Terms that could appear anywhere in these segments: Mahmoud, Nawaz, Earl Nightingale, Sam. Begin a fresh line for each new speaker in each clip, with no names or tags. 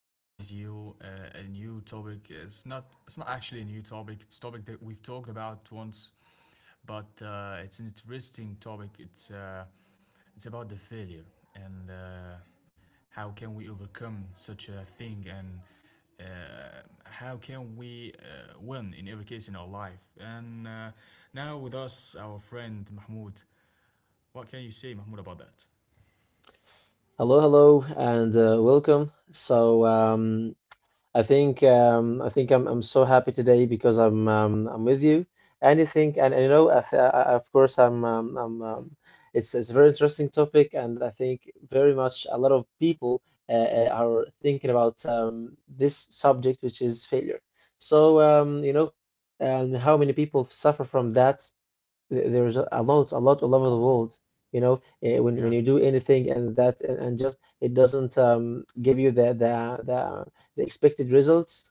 share with you a new topic. It's not actually a new topic. It's a topic that we've talked about once, but it's an interesting topic. It's about the failure and how can we overcome such a thing and how can we win in every case in our life. And now with us, our friend Mahmoud. What can you say, Mahmoud, about that?
Hello, hello, and welcome. I think I'm so happy today because I'm with you. Anything and, you know I, th- I- of course I'm it's a very interesting topic and I think very much a lot of people are thinking about this subject, which is failure. So um, you know how many people suffer from that? There's a lot all over the world. You know, when
Yeah.
you do anything and that and just it doesn't give you the expected results,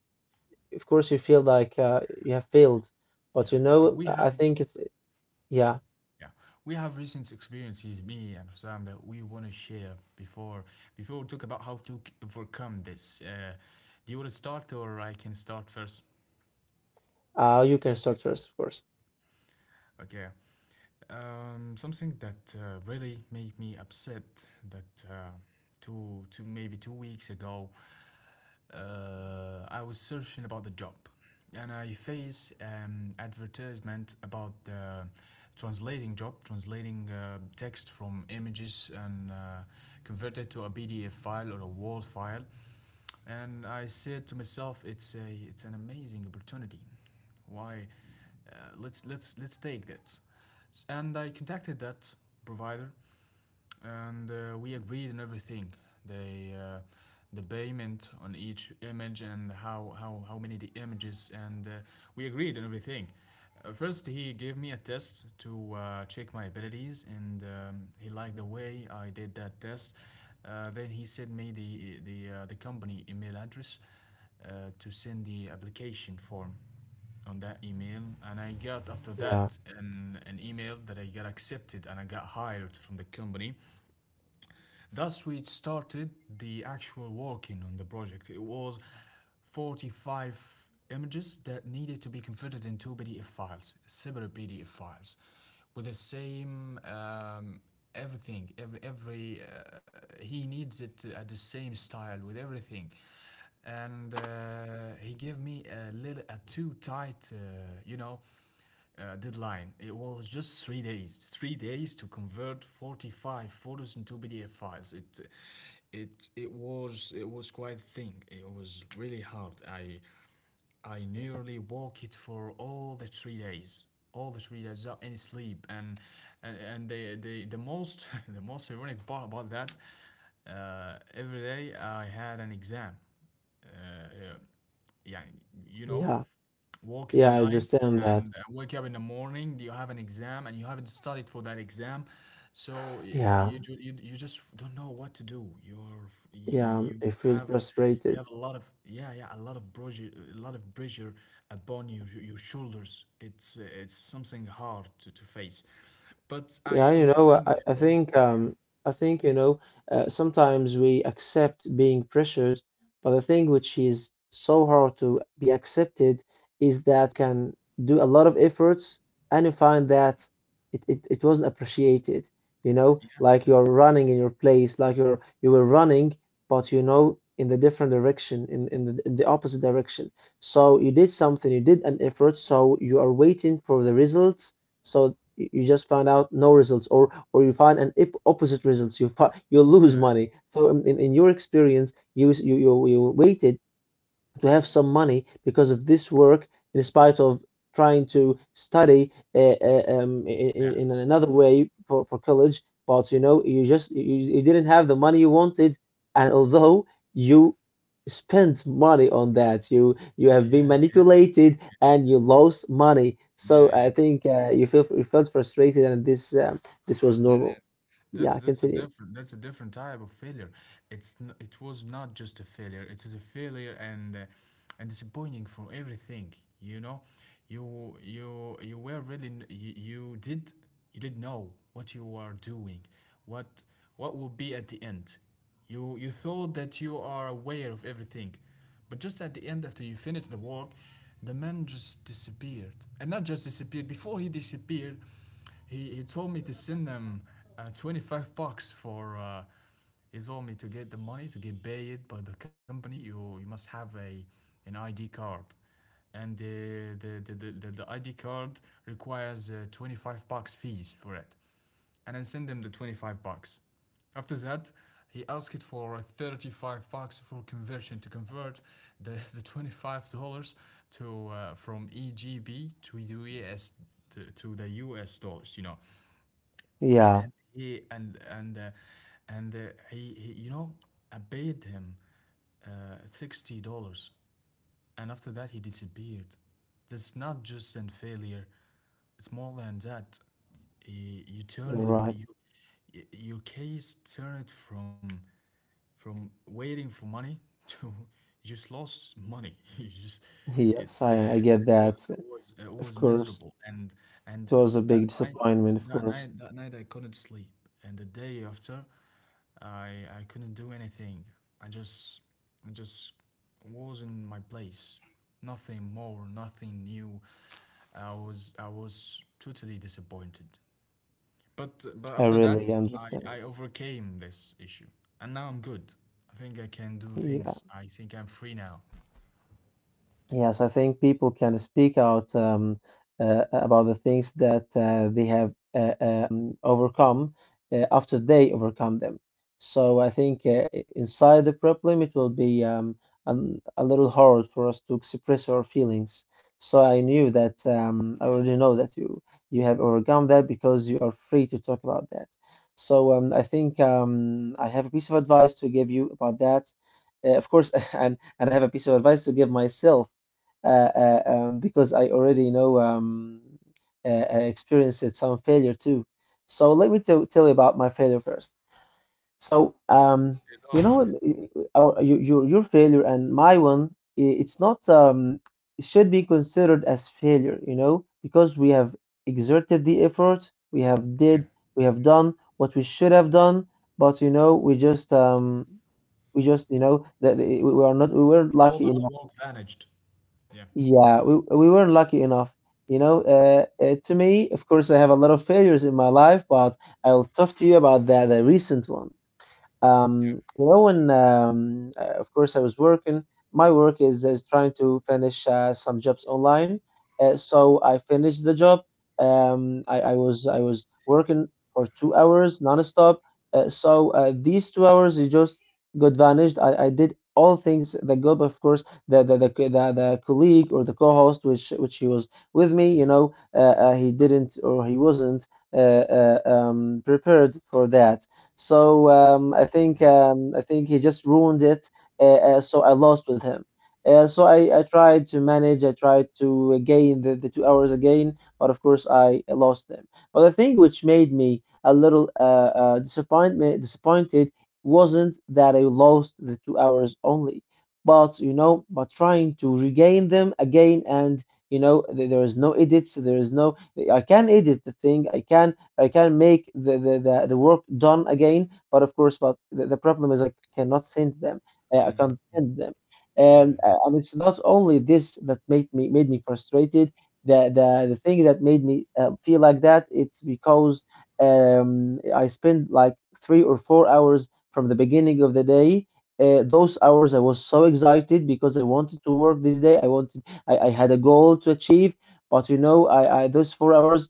of course you feel like you have failed.
Yeah,
But you
yeah.
know,
We
I
have,
I think it's yeah.
yeah, we have recent experiences, me and Sam, that we want to share before we talk about how to overcome this. Do you want to start, or I can start first?
You can start first, of course.
Okay. Something that I was searching about the job, and I face advertisement about the translating job, translating text from images and convert it to a PDF file or a Word file. And I said to myself, it's an amazing opportunity. Why? Let's take that. And I contacted that provider and we agreed on everything. the Uh, the payment on each image and how many the images and we agreed on everything. First he gave me a test to check my abilities, and he liked the way I did that test. Then he sent me the company email address to send the application form on that email, and I got after
Yeah,
that an email that I got accepted and I got hired from the company. Thus, we started the actual working on the project. It was 45 images that needed to be converted into PDF files, separate PDF files, with the same everything. Every He needs it at the same style with everything, and he gave me a little, a too tight, deadline. It was just 3 days. 3 days to convert 45 photos into PDF files. It was quite a thing. It was really hard. I nearly walked it for all the 3 days. All the 3 days without any sleep. And the most the most ironic part about that, every day I had an exam. Uh, yeah, you know,
yeah,
work in the
yeah. I
night
understand that.
and wake up in the morning. You have an exam and you haven't studied for that exam, so y-
Yeah,
you ju- you, you just don't know what to do.
yeah. I feel
Have you have
frustrated.
a lot of, yeah, yeah, a lot of pressure, a lot of pressure upon your shoulders. It's something hard to face, but
Yeah,
I
you know,
overcome
I
it all.
think
Yeah,
um, I think you know, sometimes we accept being pressured, but the thing which is so hard to be accepted is that you can do a lot of efforts and you find that it wasn't appreciated. You know,
yeah,
like
yeah,
you're running in your place, like you were running, but you know in the different direction, in the opposite direction. So you did something, you did an effort, so you are waiting for the results. So you just find out no results, or you find opposite results, you lose
yeah,
money. So in your experience you you waited to have some money because of this work, in spite of trying to study
yeah,
in another way for college. But you know, you didn't have the money you wanted, and although you spent money on that, you have been
yeah,
manipulated and you lost money. So I
yeah,
think you felt frustrated, and this was
yeah.
normal.
That's
Yeah,
that's a
continue.
different that's a different type of failure. It was not just a failure. It is a failure, and disappointing for everything. You know, you were really n- you did know what you were doing, what what will be at the end. You thought that you are aware of everything, but just at the end, after you finished the work, the man just disappeared, and not just disappeared. Before he disappeared, he told me to send them 25 bucks for he told me to get the money. To get paid by the company, you must have a an id card, and the id card requires 25 bucks fees for it, and I sent him the 25 bucks. After that, he asked for 35 bucks for conversion, to convert the, the $25 to from EGB to US, to the US dollars, you know.
Yeah,
And and uh, he I paid him $60, and after that he disappeared. That's not just an failure. It's more than that. You turn
you're
it away.
right.
Your case turn it from waiting for money to just lost money. You just
Yes, I
it's it
get
was
that,
it was it
of
was
course.
miserable, and
It
and
was
th-
a
that
big
night
disappointment, of
that
course.
night that night I couldn't sleep, and the day after I couldn't do anything. I just I just was in my place. Nothing more, nothing new. I was totally disappointed. But
I
after that,
really
I
understand.
I overcame this issue, and now I'm good. I think I can do
Yeah,
things. I think I'm free now.
yes, I think people can speak out about the things that they have overcome after they overcome them. So I think inside the problem, it will be a little hard for us to express our feelings. So I knew that I already know that you have overcome that because you are free to talk about that. I think I have a piece of advice to give you about that. Of course, and I have a piece of advice to give myself because I already you know uh, experienced it some failure too. So let me tell you about my failure first. So um,
It all
you
on.
know, I- our your failure and my one, it's not it should be considered as failure, you know, because we have exerted the effort, we have
Yeah.
did, we have done what we should have done, but you know, we just you know that we are not we weren't
All the
lucky
hard
enough.
work vanished. Yeah.
Yeah, we were lucky enough. You know, to me, of course, I have a lot of failures in my life, but I'll talk to you about that, the recent one. You know, when of course I was working. My work is trying to finish some jobs online. So I finished the job. I was working for 2 hours nonstop. These 2 hours it just got vanished. I did all things the job, of course. The colleague or the co-host, which he was with me. You know, he didn't, or he wasn't uh, prepared for that. I think he just ruined it. So I lost with him. So I tried to manage. I tried to gain the 2 hours again, but of course I lost them. But the thing which made me a little disappointment disappointed wasn't that I lost the 2 hours only, but you know, but trying to regain them again. And you know, there is no edits, there is no, I can edit the thing I can I can make the work done again. But of course, but the problem is I cannot send them.
Yeah.
I
Mm.
can't send them,
Yeah.
and it's not only this that made me frustrated. The thing that made me feel like that, it's because I spent like 3 or 4 hours from the beginning of the day. Those hours I was so excited because I wanted to work this day. I had a goal to achieve. But you know, I, those 4 hours,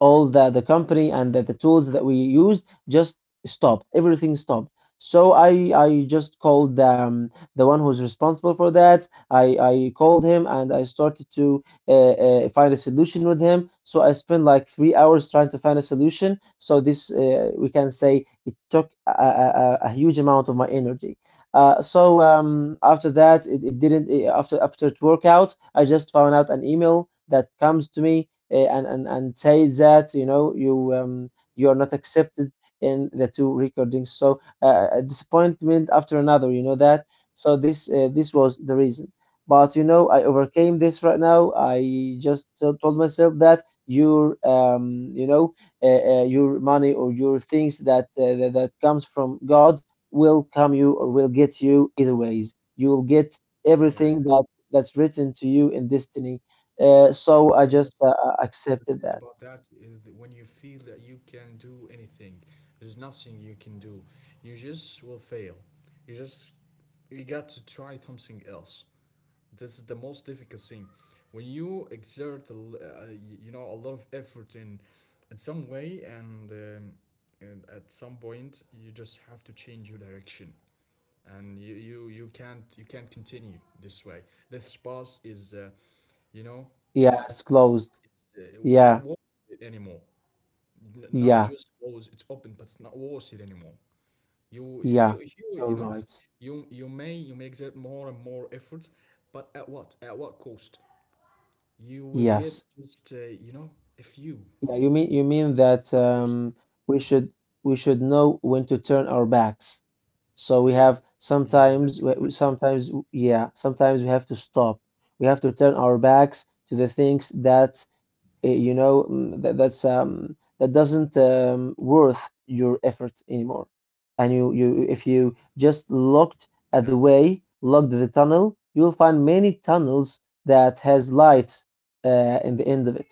all the company and the tools that we used just stopped, everything stopped. so i I just called the one who's responsible for that. I called him and I started to find a solution with him. So I spent like 3 hours trying to find a solution, so this we can say it took a huge amount of my energy. After that it didn't, after it worked out, I just found out an email that comes to me and say that, you know, you are not accepted in the two recordings. So a disappointment after another, you know that. So this was the reason. But you know, I overcame this right now. I just told myself that your money or your things that, that comes from God, will come you or will get you either ways. You will get
Yeah. Yeah. Yeah.
everything that that's written to you in destiny. So I
The most
just
important
accepted
thing
that.
about that is that when you feel that you can do anything, there's nothing you can do. You just will fail. You just you got to try something else. This is the most difficult thing. When you exert, a l- you know, a lot of effort in, some way, and, at some point, you just have to change your direction, and you can't, continue this way. This path is, you know,
Yeah, it's closed.
uh, not
Yeah,
worth it anymore. Not
yeah,
just closed, it's open, but it's not worth it anymore. You if
yeah.
you if you
You're right.
you may exert more and more effort, but at what cost? You will get
Yes.
just, a few,
Yeah, you mean that
not worse.
um, we should know when to turn our backs. So we
Yeah,
have
yeah, that's
sometimes
exactly.
sometimes, yeah, sometimes we have to stop. We have to turn our backs to the things that that that's that doesn't worth your effort anymore. And you if you just looked
Yeah,
at the way, looked at the tunnel, you'll find many tunnels that has light in the end of it,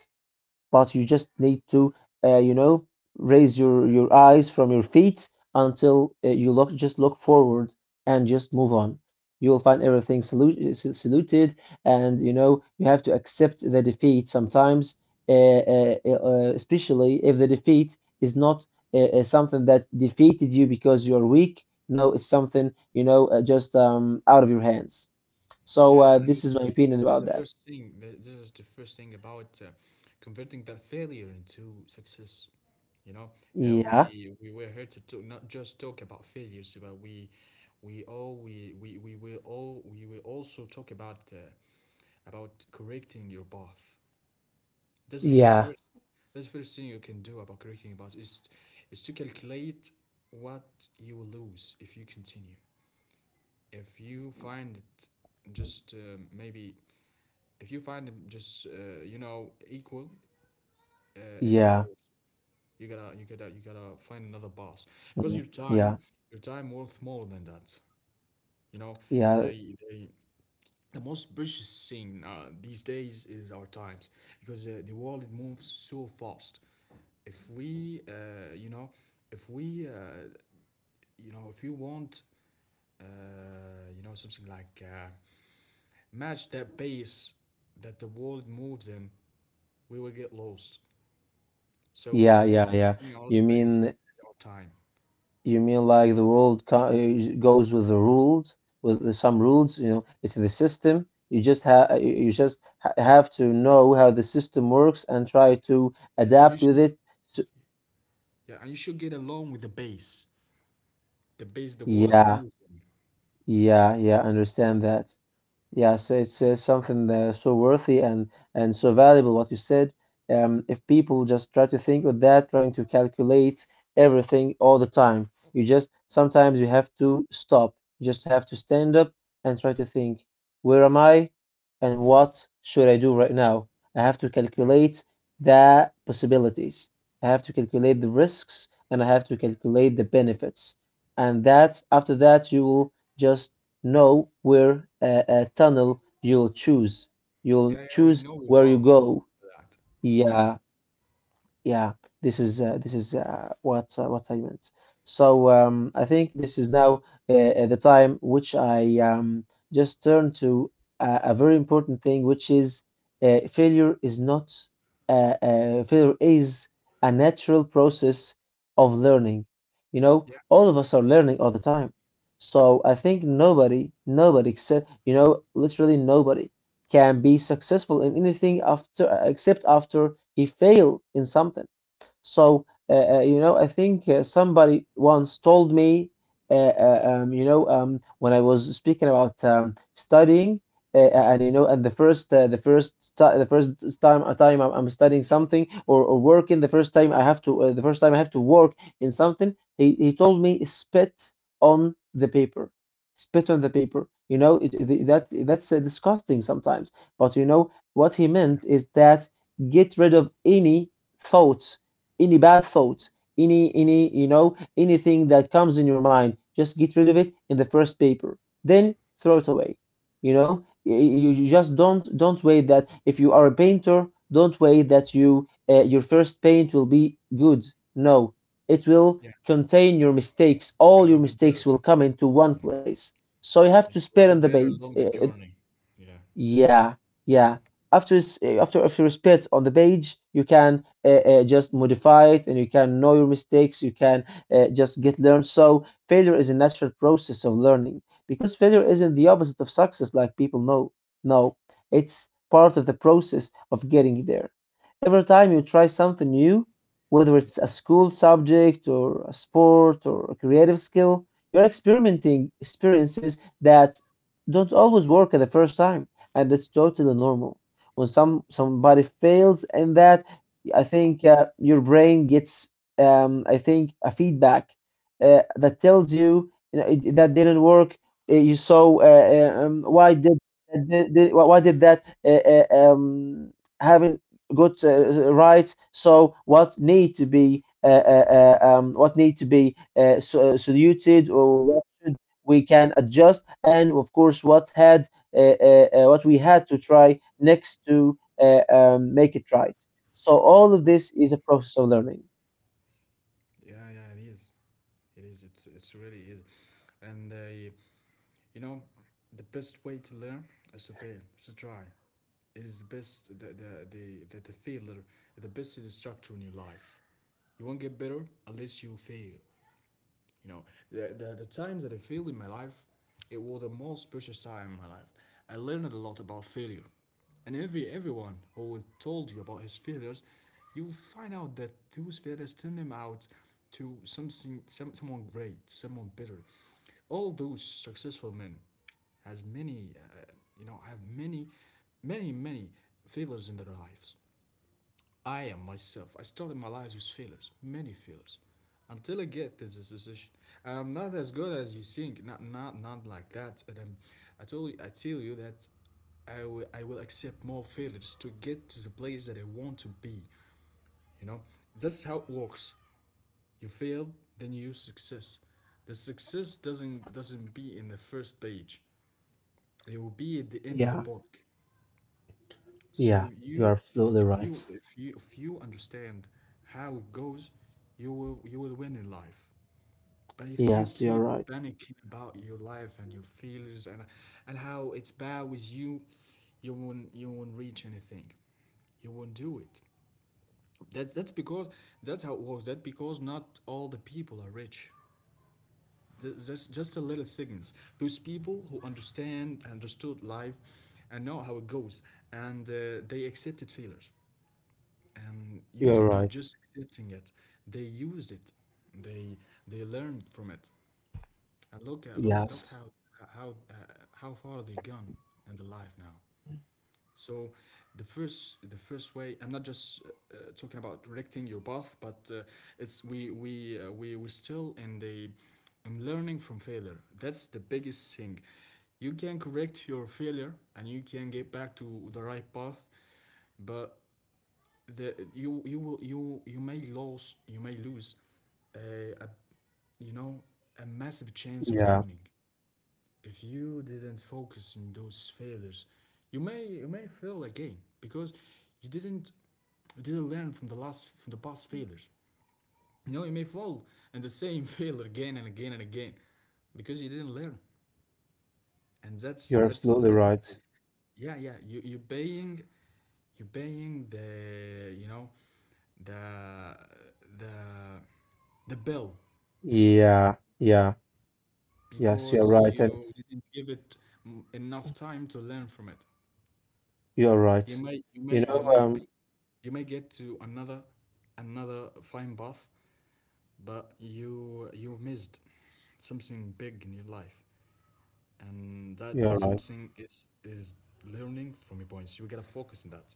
but you just need to, uh, you know, raise your eyes from your feet until you look just look forward and just move on. You will find everything saluted, and you know you have to accept the defeat sometimes, especially if the defeat is not something that defeated you because you're weak. No, it's something, you know, just out of your hands.
yeah,
So
yeah. And this,
this is my opinion
is the
about that.
first thing. This is the first thing about converting that failure into success. You know,
Yeah,
we were here to talk, not just talk about failures, but we will also talk about correcting your path. This is the
yeah,
first. That's the first thing you can do about creating a budget: is to calculate what you will lose if you continue. If you find it just maybe if you find it just you know equal, it's not
yeah,
worth. It. You gotta find another boss because
mm,
your time
yeah.
your time worth more than that. You know,
Yeah,
they they the most precious thing these days is our times, because the world, it moves so fast. if we uh, you know if we uh, if you want something like, match that pace that the world moves in, we will get lost. So the
yeah,
most
yeah,
precious
yeah.
thing in our is,
You mean
our time,
you mean like the world co goes with the rules, with some rules, you know, it's the system. You just have you you just ha have to know how the system works and try to
and you
adapt with
should,
it. So,
yeah, and you should get along with the pace, the world
yeah,
moves in.
yeah, yeah, understand that. Yes, it's something so worthy and so valuable what you said. If people just try to think of that, trying to calculate everything all the time, you just sometimes you have to stop. You just have to stand up and try to think, where am I and what should I do right now? I have to
Yeah,
calculate the possibilities. I have to calculate the risks and I have to calculate the benefits. And that after that you will just know where a tunnel you'll choose. You'll
yeah, yeah, we
choose
know we're
where you
bound
go.
for that.
Yeah. Yeah, this is what I meant. I think this is now the time which I just turn to a very important thing, which is failure is not failure is a natural process of learning. You know,
Yeah,
all of us are learning all the time. So I think nobody, nobody, except you know, literally nobody can be successful in anything after, except after he failed in something. So, I think somebody once told me, when I was speaking about studying, and and the first, ti the first time, a time I'm studying something or working, the first time I have to work in something. He told me, "Spit on the paper, spit on the paper." You know, it, that that's disgusting sometimes, but you know what he meant is that get rid of any thought any bad thoughts, anything that comes in your mind. Just get rid of it in the first paper. Then throw it away. You just don't wait that if you are a painter, don't wait that your first paint will be good. No, it will
yeah.
contain your mistakes.
Yeah,
All your
we'll get better.
mistakes will come into one
Yeah.
place. So you have to
Yeah. We'll
spare on
get
the
better
page.
along the journey. Yeah.
Yeah, yeah. After s- eh, after after it's put on the page, you can just modify it, and you can know your mistakes. You can just get learned. So failure is a natural process of learning, because failure isn't the opposite of success, like people know. No, it's part of the process of getting there. Every time you try something new, whether it's a school subject or a sport or a creative skill, you're experimenting experiences that don't always work at the first time, and it's totally normal. When somebody fails in that, I think your brain gets, I think, a feedback that tells you, that didn't work. You saw why did why did that haven't got right? So what need to be saluted, or what should we can adjust, and of course what we had to try next to make it right. So all of
Yeah.
this is a process of learning.
Yeah, yeah, yeah, it is. It is. It's really is. And you know, the best way to learn is to fail, is to try. It is the best, the failure, the best instructor in your life. You won't get better unless you fail. You know, the times that I failed in my life, it was the most precious time in my life. I learned a lot about failure. And everyone who told you about his failures, you will find out that those failures turned him out to something, someone great, someone better. All those successful men has many, you know, have many, many, many failures in their lives. I am myself. I started my life with failures, many failures, until I get to this position. I'm not as good as you think. Not, not, not like that. I tell you that I will accept more failures to get to the place that I want to be. You know, that's how it works. You fail, then you use success. The success doesn't be in the first page. It will be at the end of the
Yeah,
book.
yeah,
So
you're
you,
absolutely
if you,
right.
if you, if you understand how it goes, you will win in life. But if you
Yes, you're
keep
right.
panicking about your life and your feelings, and how it's bad with you, you won't reach anything. You won't do it. That's that's because that's how it works. That's because not all the people are rich. That's just a little segments. Those people who understood life and know how it goes, and they accepted failures, and use
You're
it, not
right.
just accepting it. They used it. They they learned from it. And look at look look
Yes,
how uh, how far they gone in the life now. So the first way I'm not just talking about directing your path, but it's we still in the in learning from failure. That's the biggest thing. You can correct your failure and you can get back to the right path, but the you you will you you may lose, uh, a you know a massive chance of
yeah,
learning if you didn't focus in those failures. You may you may fail again because you didn't you didn't learn from the last from the past failures. You know, you may fall in the same failure again and again and again because you didn't learn. And that's
you're
that's
absolutely
that's like,
right.
yeah, yeah, you paying, you paying the you know the the the bill,
Yeah, yeah, yes, you're
because
right, and
you didn't give it enough time to learn from it.
you're right.
you may you
You
may you
know,
may
um,
get to another fine path, but you missed something big in your life. And that
you're right.
something is learning from your points. You gotta focus on that.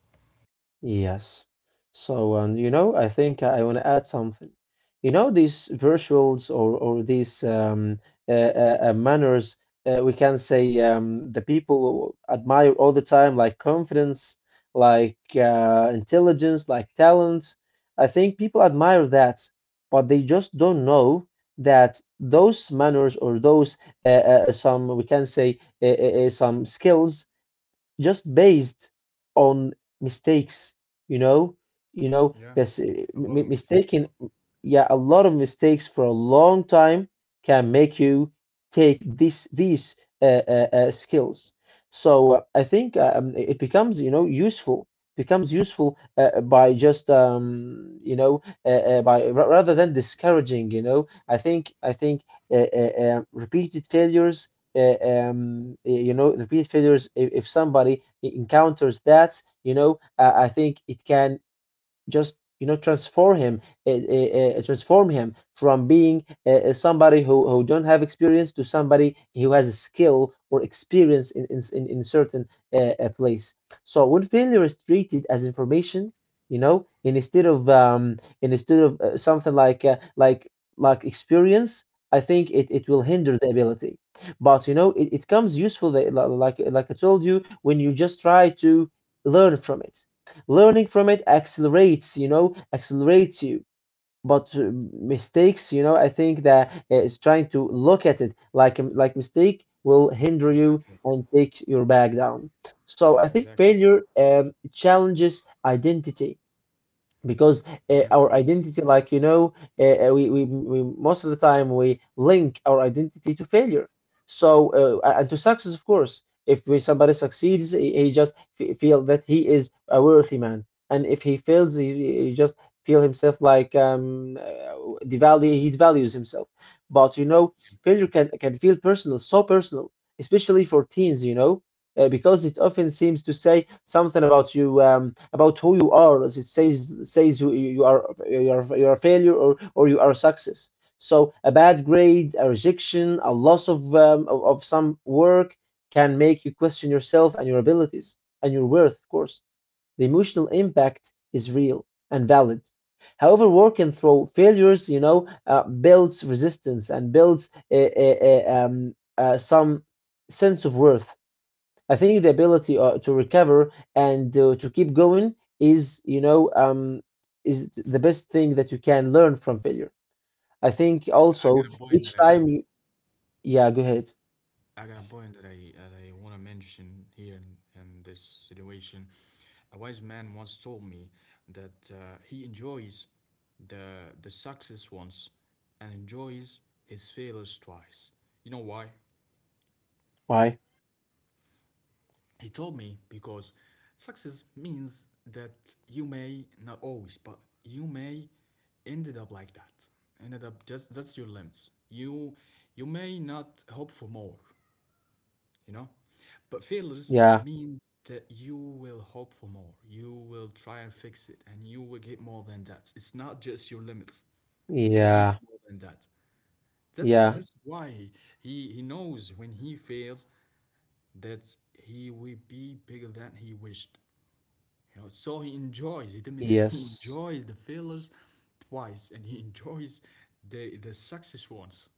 Yes. So, I think I want to add something. You know, these virtuals, or these manners, we can say, the people admire all the time, like confidence, like intelligence, like talent. I think people admire that, but they just don't know that those manners, or those some we can say, some skills just based on mistakes, you know,
Yeah.
that's uh,
A
m-
lot of
m-
mistakes.
mistaken. Yeah, a lot of mistakes for a long time can make you take this these skills. So, I think, it becomes, you know, useful. Becomes useful by just, rather than discouraging. You know, I think repeated failures
Yeah.
you know, repeat failures. If somebody encounters that, I think it can just transform him, from being somebody who don't have experience, to somebody who has a skill or experience in certain place. So when failure is treated as information, instead of something like, like experience, I think it will hinder the ability. But it comes useful, that, like I told you, when you just try to learn from it, learning from it accelerates, you. But, mistakes, I think that it's trying to look at it like a like mistake will hinder you
Exactly.
and take your back down. So I think
Exactly.
failure challenges identity, because
Yeah,
our identity, we most of the time we link our identity to failure. So, and to success, of course, if somebody succeeds, he just feel that he is a worthy man. And if he fails, he just feel himself like, devalue he devalues himself. But you know, failure can feel personal, so personal, especially for teens, because it often seems to say something about you, about who you are, as it says you are a failure, or you are a success. So a bad grade, a rejection, a loss of some work can make you question yourself and your abilities and your worth. Of course, the emotional impact is real and valid. However, working through failures, builds resistance and builds some sense of worth. I think the ability to recover and to keep going is, is the best thing that you can learn from failure. I think
yeah, I got
also
a point that
each time you, yeah, go ahead.
I got a point that I want to mention here, in this situation. A wise man once told me that he enjoys the success once, and enjoys his failures twice. You know why?
Why?
He told me, because success means that you may not always, but you may ended up like that. Ended up, just that's your limits. You may not hope for more, you know. But failures
Yeah,
means that you will hope for more. You will try and fix it, and you will get more than that. It's not just your limits. You will reach
yeah,
more than that. That's
yeah,
that's why he knows when he fails that he will be bigger than he wished. You know, so he enjoys. He told me that he
yes,
enjoys the failures twice, and he enjoys the success once.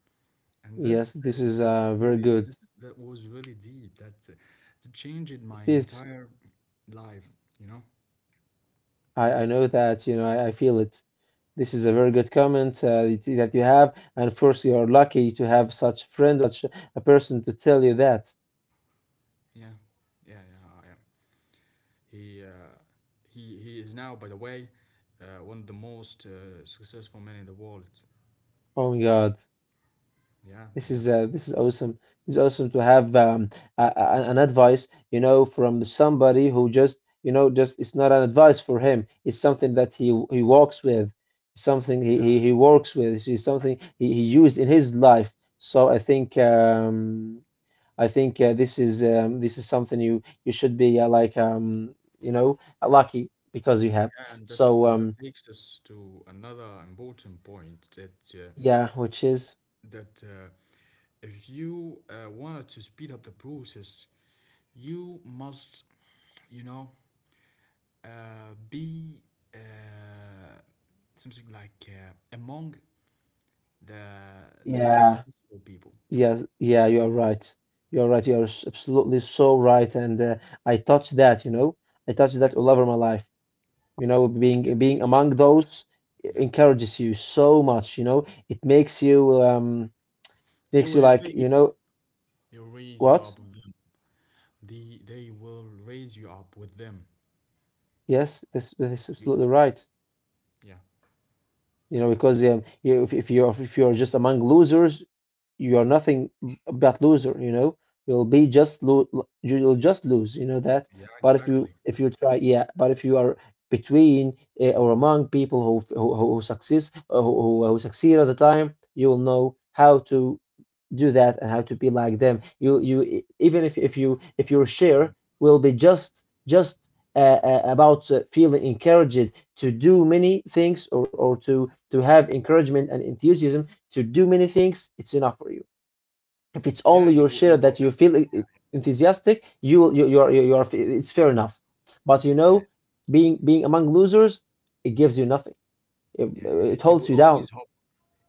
And
yes.
that's
This
uh,
is
that's
very
really
good.
this that was really deep. That that changed my
It is.
entire life. You know,
I know that, I feel it. This is a very good comment that you have. And of course, you are lucky to have such friend, such a person to tell you that.
yeah, yeah, yeah, yeah. He he is now, by the way, one of the most successful men in the world.
Oh my God.
Yeah,
This
yeah.
is uh, this is awesome. It's awesome to have an advice, from somebody who just it's not an advice for him. It's something that he walks with, something he
Yeah,
he, he works with. It's something he used in his life. So I think, this is, this is something you should be, lucky, because you have.
yeah, and
So,
that takes us to another important point, that
yeah, which is,
that uh, if you wanted to speed up the process, you must, you know, be uh, something like among the the
yeah.
successful people.
Yes, yeah, you are right. You are right. You are absolutely so right. And, I touched that, you know, I touched
Yeah,
that all over my life. You know,
yeah.
being among those,
Yeah,
encourages you so much. You know, it
they
makes
will
you like,
elevate you.
you know,
They will raise you up
what?
with them. They will raise you up with them.
Yes, this is
You,
absolutely right.
yeah,
You know, because, you, if you're just among losers, you are nothing but loser. You'll be just lo you'll just lose. You know that.
yeah,
But
exactly.
if you try, yeah, but if you are between, or among people who succeed, who succeed at the time, you will know how to do that and how to be like them. Even if your
Yeah,
share will be just about feeling encouraged to do many things, or to have encouragement and enthusiasm to do many things, it's enough for you. If it's
yeah.
only your
You
share
will have.
that you feel, enthusiastic, you will you you are it's fair enough. But you
Yeah,
know, being among losers, it gives you nothing. It,
yeah.
it
You
holds
will
you down.
always hope.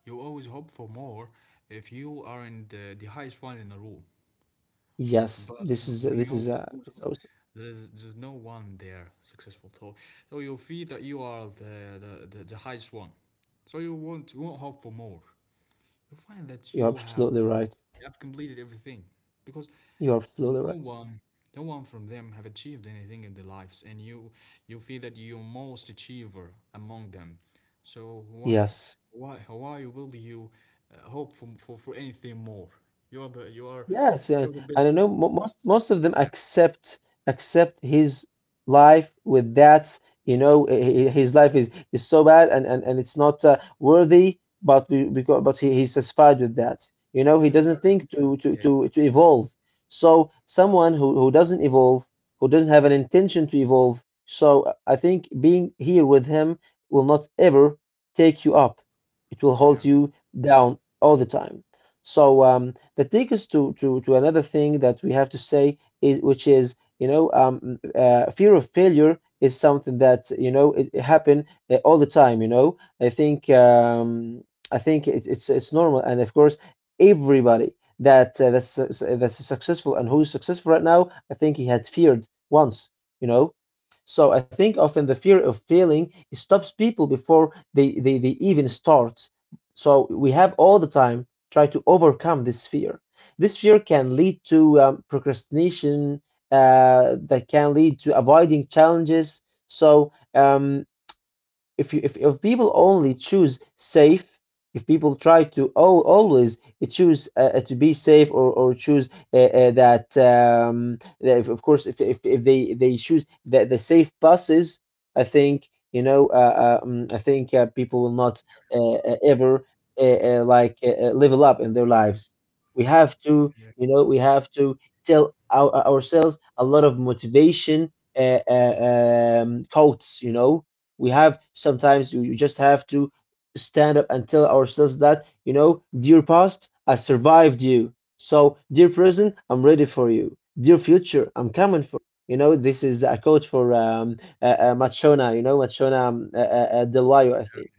You always hope for more if you are in the highest one in the row.
Yes,
But
this is
when you
this
always
is uh,
lose,
this is awesome.
there's no one there successful. So, so you feel that you are the highest one. So you won't hope for more. You find that
You're absolutely right.
you have completed everything, because
You're absolutely
no
right.
one, from them have achieved anything in their lives, and you feel that you're most achiever among them. So
Yes.
why will you hope for, for anything more? You are,
Yes, and
you're the
I don't
best.
know. Most of them
Yeah.
accept, his life with that. You know, his life is so bad, and, it's not worthy. But we because but he, he's satisfied with that. You know, he
Yeah, they are
doesn't
a
think to
miserable
to
case.
to to evolve. So someone who doesn't evolve, who doesn't have an intention to evolve. So, I think being here with him will not ever take you up. It will
Yeah,
hold you down all the time. So, that takes us to another thing that we have to say, which is, fear of failure is something that, it happen all the time. I think, I think it's normal, and of course, everybody that's successful and who's successful right now, I think he had feared once, you know. So I think often, the fear of failing stops people before they even start. So we have all the time try to overcome this fear. This fear can lead to, procrastination, that can lead to avoiding challenges. So, if people only choose safe if people try to, oh, always choose, to be safe, or choose, that, that if, of course, if, if they choose the safe buses, I think people will not ever level up in their lives. We have to,
yeah,
you know, we have to tell ourselves a lot of motivation, quotes, you know. We have, sometimes you just have to stand up and tell ourselves that, dear past, I survived you. So, dear present, I'm ready for you. Dear future, I'm coming for you. You know, this is a quote for Machona, Machona Del Valle, I think.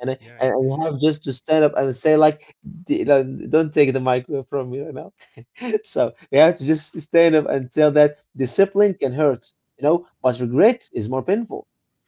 And, and
yeah,
and
yeah,
you have just to stand up and say like, like, don't take the mic from me right now." So you have to just stand up and tell that discipline can hurt, but regret is more painful.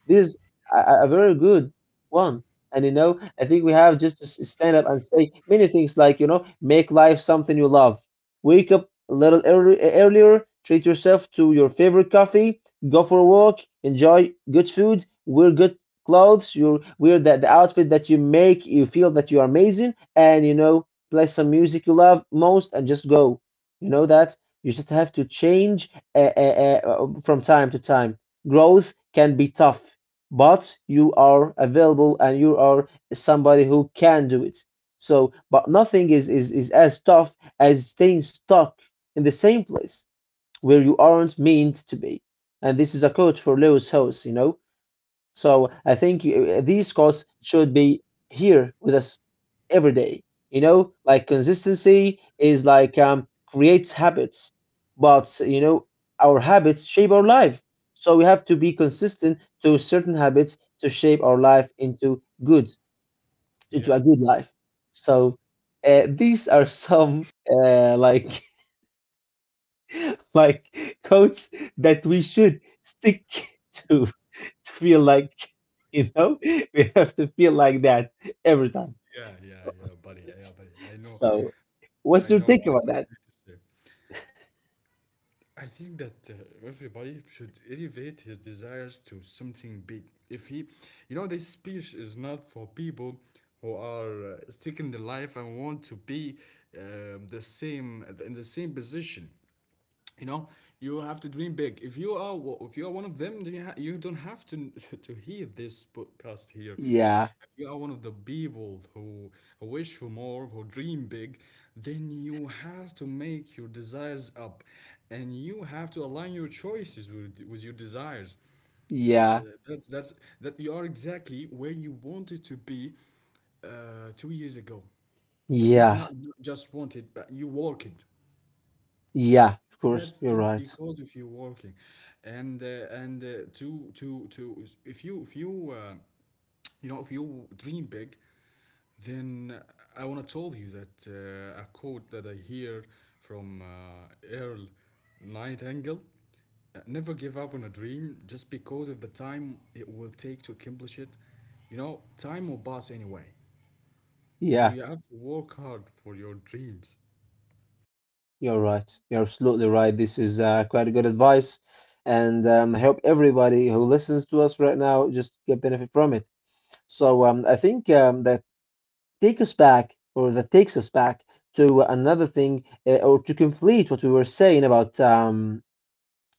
This is a very good one. And I think we have just to stand up and say many things like, make life something you love. Wake up a little early, earlier, treat yourself to your favorite coffee, go for a walk, enjoy good food, wear good clothes, you wear the outfit that you make you feel that you are amazing, and play some music you love most and just go. You know that? You just have to change from time to time. Growth can be tough, but you are available and you are somebody who can do it. So, but nothing is as tough as staying stuck in the same place where you aren't meant to be. And this is a quote for Lewis House. So I think these costs should be here with us every day. Like consistency is like creates habits, but our habits shape our life. So we have to be consistent to certain habits to shape our life into good, into
yeah,
a good life. So these are some like like codes that we should stick to. To feel like you know we have to feel like that every time.
yeah, yeah, yeah, buddy. Yeah, buddy.
So, what's
I
your
know
take about
what
that?
you just said. I think that everybody should elevate his desires to something big. If he, you know, this speech is not for people who are sticking the life and want to be the same in the same position. You know, you have to dream big. If you are, if you are one of them, then you don't have to to hear this podcast here.
Yeah,
If you are one of the people who wish for more, who dream big, then you have to make your desires up, and you have to align your choices with your desires. Uh,
yeah,
that's that's that you are exactly where you wanted to be 2 years ago. not not
yeah,
not just wanted, but you worked.
yeah, of
that's
course, you're
that's
right.
because if you're working, and to if you you know, if you dream big, then I wanna tell you that a quote that I hear from Earl Nightingale, never give up on a dream just because of the time it will take to accomplish it. You know, time will pass anyway,
Yeah,
so you have to work hard for your dreams.
you're right. You're absolutely right, this is quite a good advice. And I hope everybody who listens to us right now just get benefit from it. So I think that take us back or that takes us back to another thing or to complete what we were saying about um,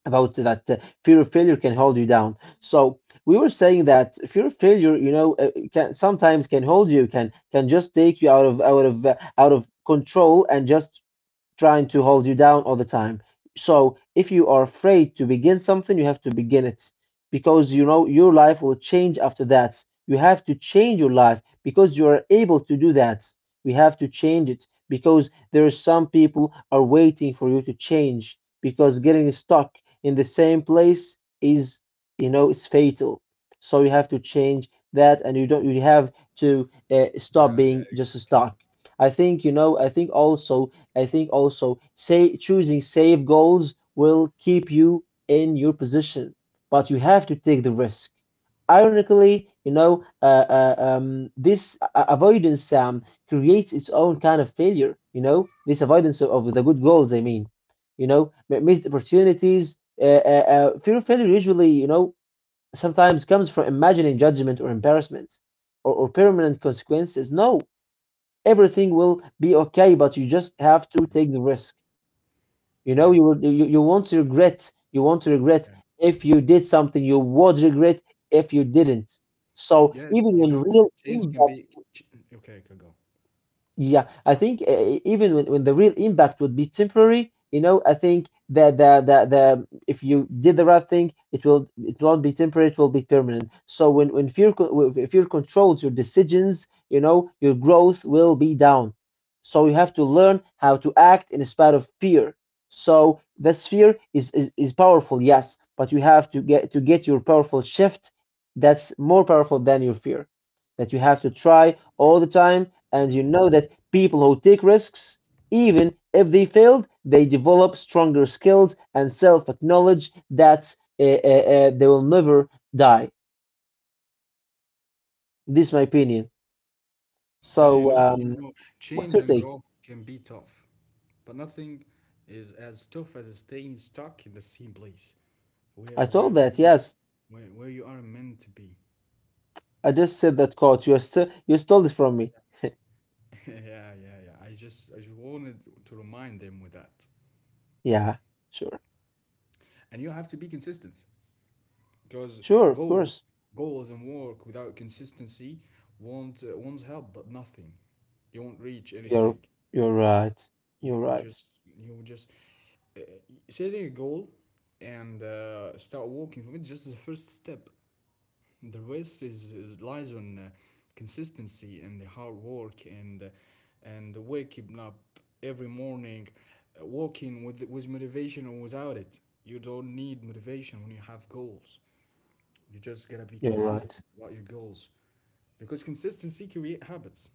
about that fear of failure can hold you down. So we were saying that fear of failure, you know, can sometimes can hold you, can just take you out of control and just trying to hold you down all the time. So if you are afraid to begin something, you have to begin it because you know your life will change after that. You have to change your life because you are able to do that. We have to change it because there are some people are waiting for you to change because getting stuck in the same place is it's fatal. So you have to change that, and you don't you have to stop
Yeah,
being
yeah,
just
exactly.
stuck. I think I think also say choosing safe goals will keep you in your position, but you have to take the risk. Ironically, this avoidance creates its own kind of failure. This avoidance of the good goals. I mean, missed opportunities. Fear of failure usually, sometimes comes from imagining judgment or embarrassment or permanent consequences. No, everything will be okay, but you just have to take the risk. You know,
Yeah,
you will you, you won't regret. You won't regret
yeah.
if you did something. You would regret if you didn't. So
Yeah,
even when
you know,
real
change can
impact.
be. Ch, okay, I can go.
Yeah, I think even when the real impact would be temporary, you know, I think that the if you did the right thing, it will it won't be temporary, it will be permanent. So when if fear controls your decisions, your growth will be down. So you have to learn how to act in spite of fear. So this fear is powerful, yes, but you have to get your powerful shift that's more powerful than your fear that you have to try all the time, and
Yeah,
you know that
yeah.
people who take risks, even if they failed, they develop stronger skills and self acknowledge that they will never die. This is my opinion.
Yeah,
So,
you know,
what's your
change and
take?
growth can be tough, but nothing is as tough as staying stuck in the same place,
I
where where
told
where
that,
you
yes.
where you are meant to be.
I just said that, coach. You stole it from me.
Yeah, yeah, yeah. I just, I just wanted to remind them with that.
Yeah, sure.
And you have to be consistent, because
Sure, of
goals
course.
goals and work without consistency won't, won't help but nothing. You won't reach
You're
anything.
you're right. You're
You
right.
just you just uh, setting a goal, and start walking from it, just the first step. The rest is lies on consistency and the hard work, and waking up every morning, walking with motivation or without it. You don't need motivation when you have goals. You just gotta be
You're
consistent
right.
about your goals, because consistency create habits,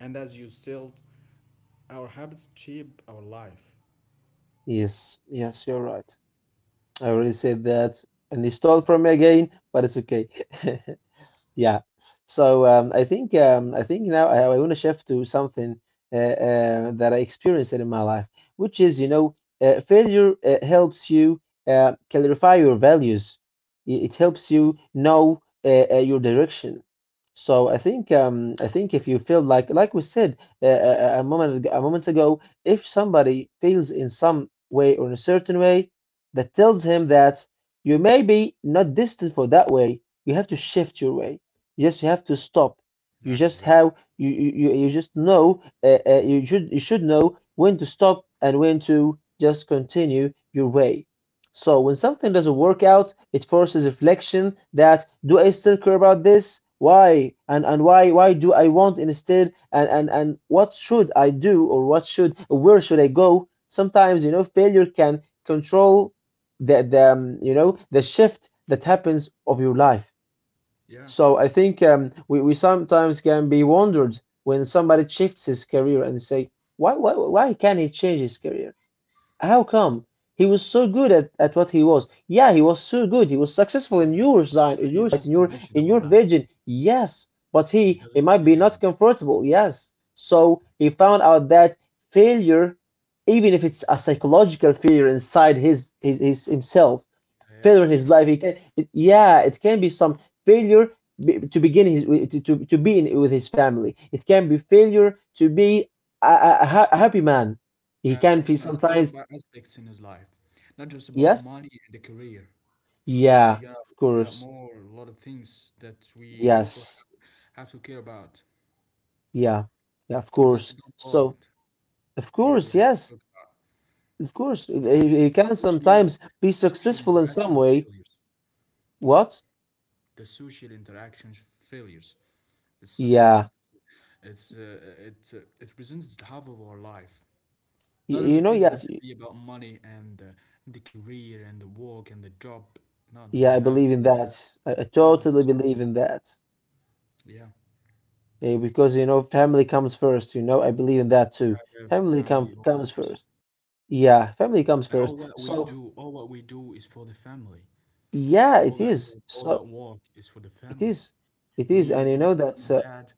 and as you still, our habits shape our life.
Yes, yes, you're right. I already said that, and you stole
Yeah.
from me again, but it's okay. Yeah. So I think now I want to shift to something that I experienced in my life, which is, failure helps you clarify your values. It helps you know your direction. So I think if you feel like we said a moment ago, if somebody feels in some way or in a certain way that tells him that you may be not destined for that way, you have to shift your way. Yes, you have to stop. You
Yeah,
just
exactly.
have you you, you you just know you should know when to stop and when to just continue your way. So when something doesn't work out, it forces reflection that do I still care about this? Why? And why do I want instead? And what should I do or what should where should I go? Sometimes failure can control the you know the shift that happens of your life.
Yeah.
So I think we sometimes can be wondered when somebody shifts his career and say, why can't he change his career? How come? He was so good at what he was. Yeah, he was so good. He was successful
Yeah.
in your side, in
He
your
lost ambition about that.
vision. Yes, but
He
he
doesn't
he
feel
might
it
be
anymore.
not comfortable. Yes, so he found out that failure, even if it's a psychological failure inside his himself,
It
failure in
eats
his life. He can, it, yeah, it can be some failure to begin his to be with his family. It can be failure to be a happy man.
him.
He can be
And some other
sometimes.
aspects in his life. Not just about
Yes,
money and the career. We
yeah,
got
of
we got
course,
more a lot of things that we also
yes,
have to care about.
yeah, yeah, of
And
course.
that's a good
So,
part
of
we
course,
have to
yes,
talk about.
of course, he,
That's
he
the
can
social,
sometimes be
social
successful in
interaction
some way.
failures.
What?
The social interactions failures. It's
Yeah,
something, it represents half of our life. Not
you know,
everything
yes,
have to be about money and the career and the work and the job. No, no, we
yeah, I
have
believe in that. I
other
totally
things.
believe in that.
Yeah,
Yeah, because you know, family comes first, I believe in that too.
yeah, have
Family com
family always
comes
first.
first. Yeah, family comes
And all
first.
what we
So,
do, all what we do is for the family.
yeah,
All
it
that
is.
job, all that
So,
work is for the
it
family.
is. It
When
is.
you
And you
when you
know,
become
that's
a dad,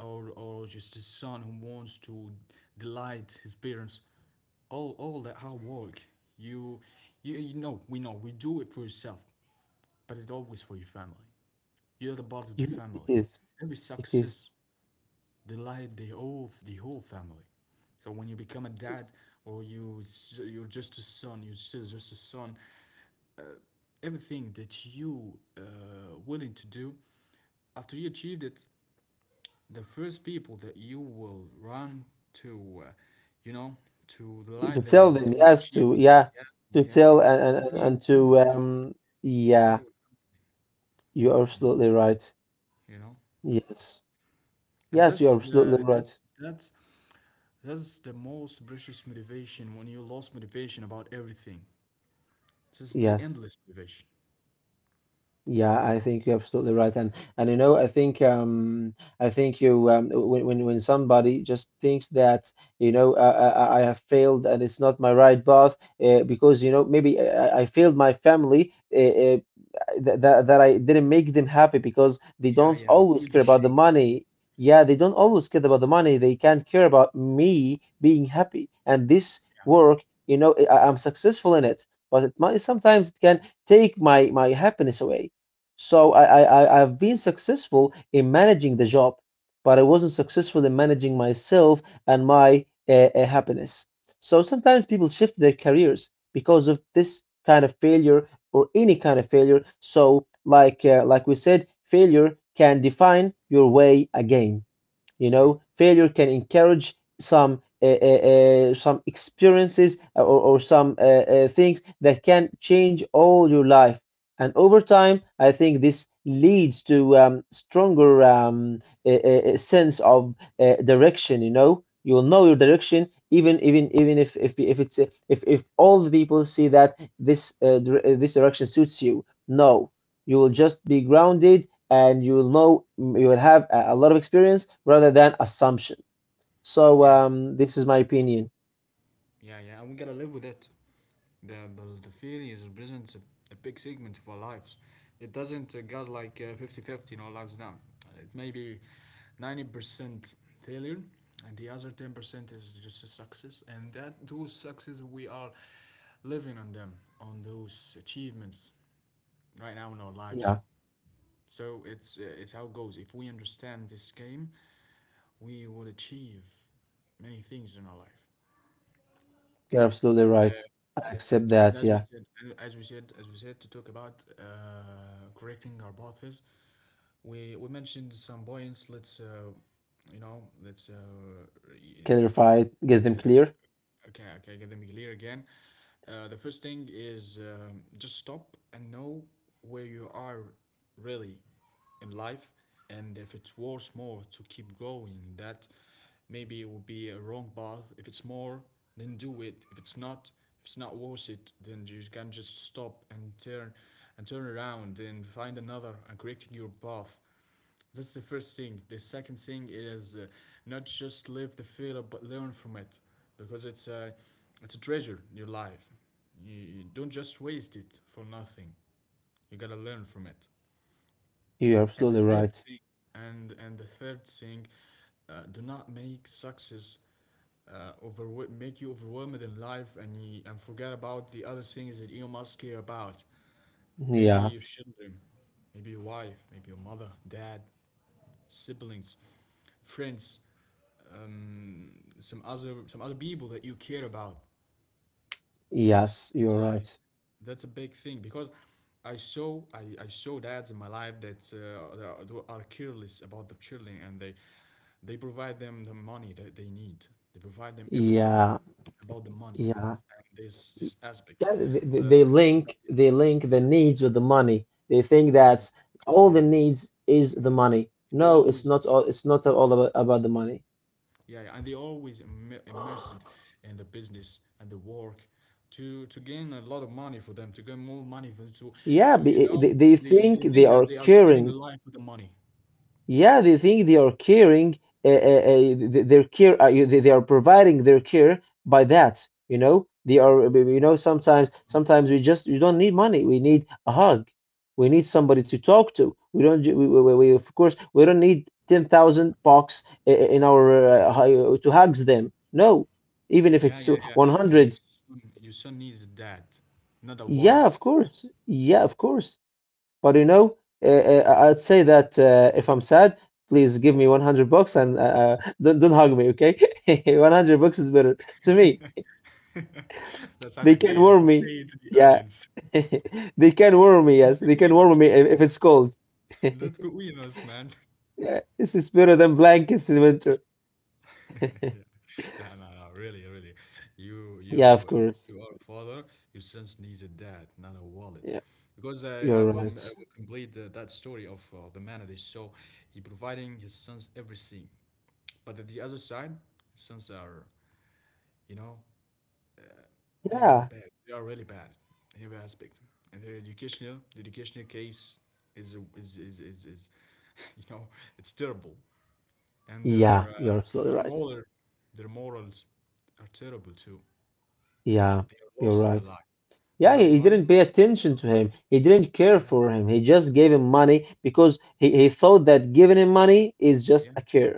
or just a son who wants to delight his parents, all that hard work, you you know we do it for yourself, but it's always for your family. You're the part of the
you, it
family.
is.
Every
It is.
success delight the whole family. So when you become a
It is.
dad, or you're just a son, you're still just a son. Everything that you willing to do, after you achieved it, the first people that you will run to, you know, to
You,
delight
to
them
tell
with
them,
those
yes, to,
achievements.
yeah,
Yeah,
to
yeah,
tell and,
will
and,
be
and
your
and
family.
to,
Will be
yeah,
your family.
you're
You know,
absolutely right.
you know,
Yes.
and
Yes, you're absolutely right.
that's the most precious motivation when you lost motivation about everything. This is the
Yes.
endless motivation.
Yeah, I think you're absolutely right, and I think you when somebody just thinks that I have failed and it's not my right path because maybe I failed my family that I didn't make them happy because they
Yeah,
don't
yeah, it
always
feels
care
a
about the
shake.
money. Yeah, they don't always care about the money. They can't care about me being happy. And this
Yeah,
work, I'm successful in it, but it might sometimes it can take my happiness away so I've been successful in managing the job, but I wasn't successful in managing myself and my happiness. So sometimes people shift their careers because of this kind of failure or any kind of failure. So like we said, failure can define your way again. You
yeah,
know, failure can encourage some experiences or some things that can change all your life. And over time, I think this leads to stronger a sense of direction. You will know your direction even if it's eh, if all the people see that this direction suits you. No, you will just be grounded and you will know you will have a lot of experience rather than assumption. So
yeah,
this is my opinion.
yeah, yeah. And we gotta live with it. The failures represents a big segment of our lives. It doesn't got like 50 fifty in our lives now. It may be 90% failure, and the other 10% is just a success. And that those success, we are living on them, on those achievements right now in our lives.
Yeah,
So it's, it's how it goes. If we understand this game, we will achieve many things in our life.
you're absolutely
And, uh,
right. I accept
and
that. Yeah,
as we said, to talk about correcting our paths, we mentioned some points. Let's you know,
clarify it, get them clear.
Okay, okay, get them clear again. The first thing is, just stop and know where you are, really, in life, and if it's worth more to keep going. That, maybe it will be a wrong path. If it's more, then do it. If it's not worth it, then you can just stop and turn around and find another, and correcting your path. That's the first thing. The second thing is, not just live the failure, but learn from it, because it's a treasure. Your life, you don't just waste it for nothing. You gotta learn from it.
You're
And the
absolutely
third
right.
thing, and and the third thing, do not make success make you overwhelmed in life, and forget about the other things that you must care about. Maybe your
Yeah,
children, maybe your wife, maybe your mother, dad, siblings, friends, um, some other people that you care about. That's
yes, you're
that's a
right.
that's a big thing because I saw dads in my life that that are careless about their children and they provide them the money that they need. They provide them everything
Yeah,
about the money
yeah.
and this
Y-
this aspect,
Yeah,
but
they link
yeah,
the needs with the money. They think
yeah,
that all
yeah,
the
yeah,
needs is the
yeah.
money.
They
No, it's
always,
not all
yeah.
about the money.
Yeah, yeah, and they always immersed in the business and the work to gain a lot of money for them, to gain more money for
Yeah,
to you
be- eh,
know
they
They
think
think
they
that they
are
are saving the
caring.
life with the money.
Yeah, they think they are caring. Their care, you- they, They, are providing their care by that. You know, they are. You know, sometimes we just you don't need money. We need a hug. We need somebody to talk to. We don't. Ju- we- Of course we don't need 10,000 bucks in our to hugs them. No, even if
Yeah,
it's
yeah, yeah.
one hundred.
Your son needs a dad, not a
Yeah,
wallet.
of course. Yeah, of course. But you know, I'd say that if I'm sad, please give me 100 bucks and don't hug me, okay? 100 bucks is better to me.
That's not
They
a
can
game.
warm
Just
me.
say it to the
Yeah,
audience.
they can warm me.
Just
Yes, they
between
can
us.
warm me if it's cold.
Just between us, man.
Yeah, this is better than blankets in winter.
Yeah. No, no, no, really, really. You,
Yeah, of
you,
course.
you are a father. Your sons needs a dad, not a wallet.
Yeah,
Because I, I
you're
will, I
right.
will complete that story of the man that is so he providing his sons everything. But at the other side, sons are, you know, they are
Yeah,
bad. They are really bad in every aspect. And their educational, the educational case is you know, it's terrible. And
yeah, you're absolutely
their
right.
moral, their morals are terrible too.
Yeah,
They are
you're
lost in the
right.
life. They
Yeah,
have
he
money.
didn't pay
They are lost.
attention to him. He didn't
Yeah.
care for him. He just gave him money because he thought that giving him money is just
Yeah,
a care.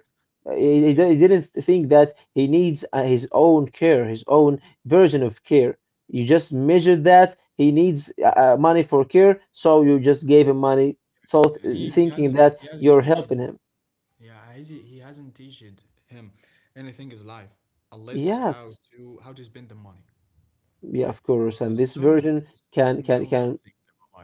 Uh, He, he
yeah,
di- he didn't think that he needs his own care, his own version
yeah.
of care. You just measured that he needs money for care, so you just gave him money, thought
And he, he
thinking
hasn't
that
he hasn't
you're
teached.
helping him.
Yeah, he hasn't teached him anything is life, unless how
Yes,
to how to spend the money.
yeah, of course.
The
And this
son
version
the son
can
know
can can
nothing about life.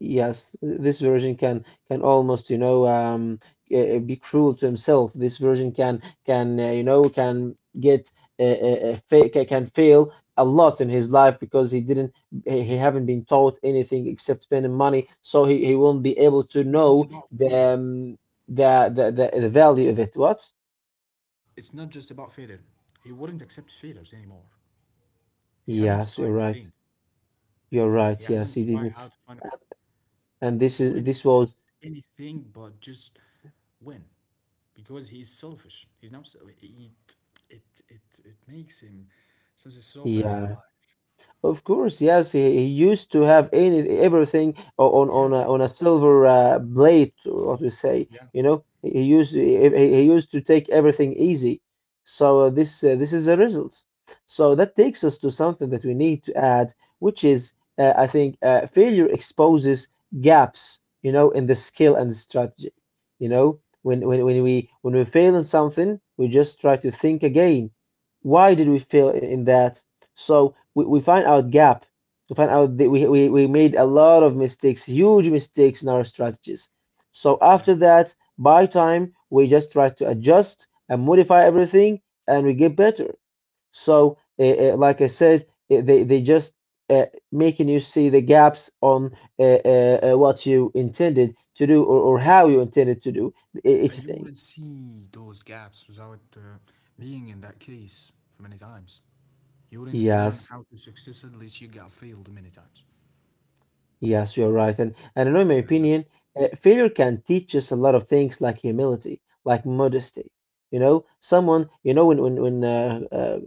Yes, this version can almost be cruel to himself. This version can you know can get can fail a lot in his life because he didn't he haven't been taught anything except spending money, so he won't be able
It's
to
not just
know
about
the,
failure.
the value of it. What?
It's not just about failure. He wouldn't accept failures anymore. He hasn't
Yes, you're
tried
right.
anything.
You're
He
right.
hasn't
Yes, he
tried how to
didn't.
find a money.
And
He
this
wouldn't
is this
accept
was
anything but just win, because he is selfish. He's not. Sel- it it makes him something so bad in
yeah.
life.
Of course, yes, he used to have any everything on
Yeah, yeah,
on a silver plate, or what we say,
yeah,
you know. He used to take everything easy. So this is the results. So that takes us to something that we need to add, which is I think failure exposes gaps, you know, in the skill and the strategy. You know, when we fail in something, we just try to think again why did we fail in that, so we find out gap. We find out that we made a lot of mistakes, huge mistakes in our strategies. So
yeah.
after that, by time, we just try to adjust and modify everything and we get better. So, like I said, they just making you see the gaps on what you intended to do or how you intended to do each
And you
thing.
wouldn't see those gaps without being in that case for many times. You wouldn't learn
Yes,
how to succeed unless you got failed many times.
yes, you're right. And I know, in my
And that,
opinion, failure can teach us a lot of things like humility, like modesty. You know, someone, you know, when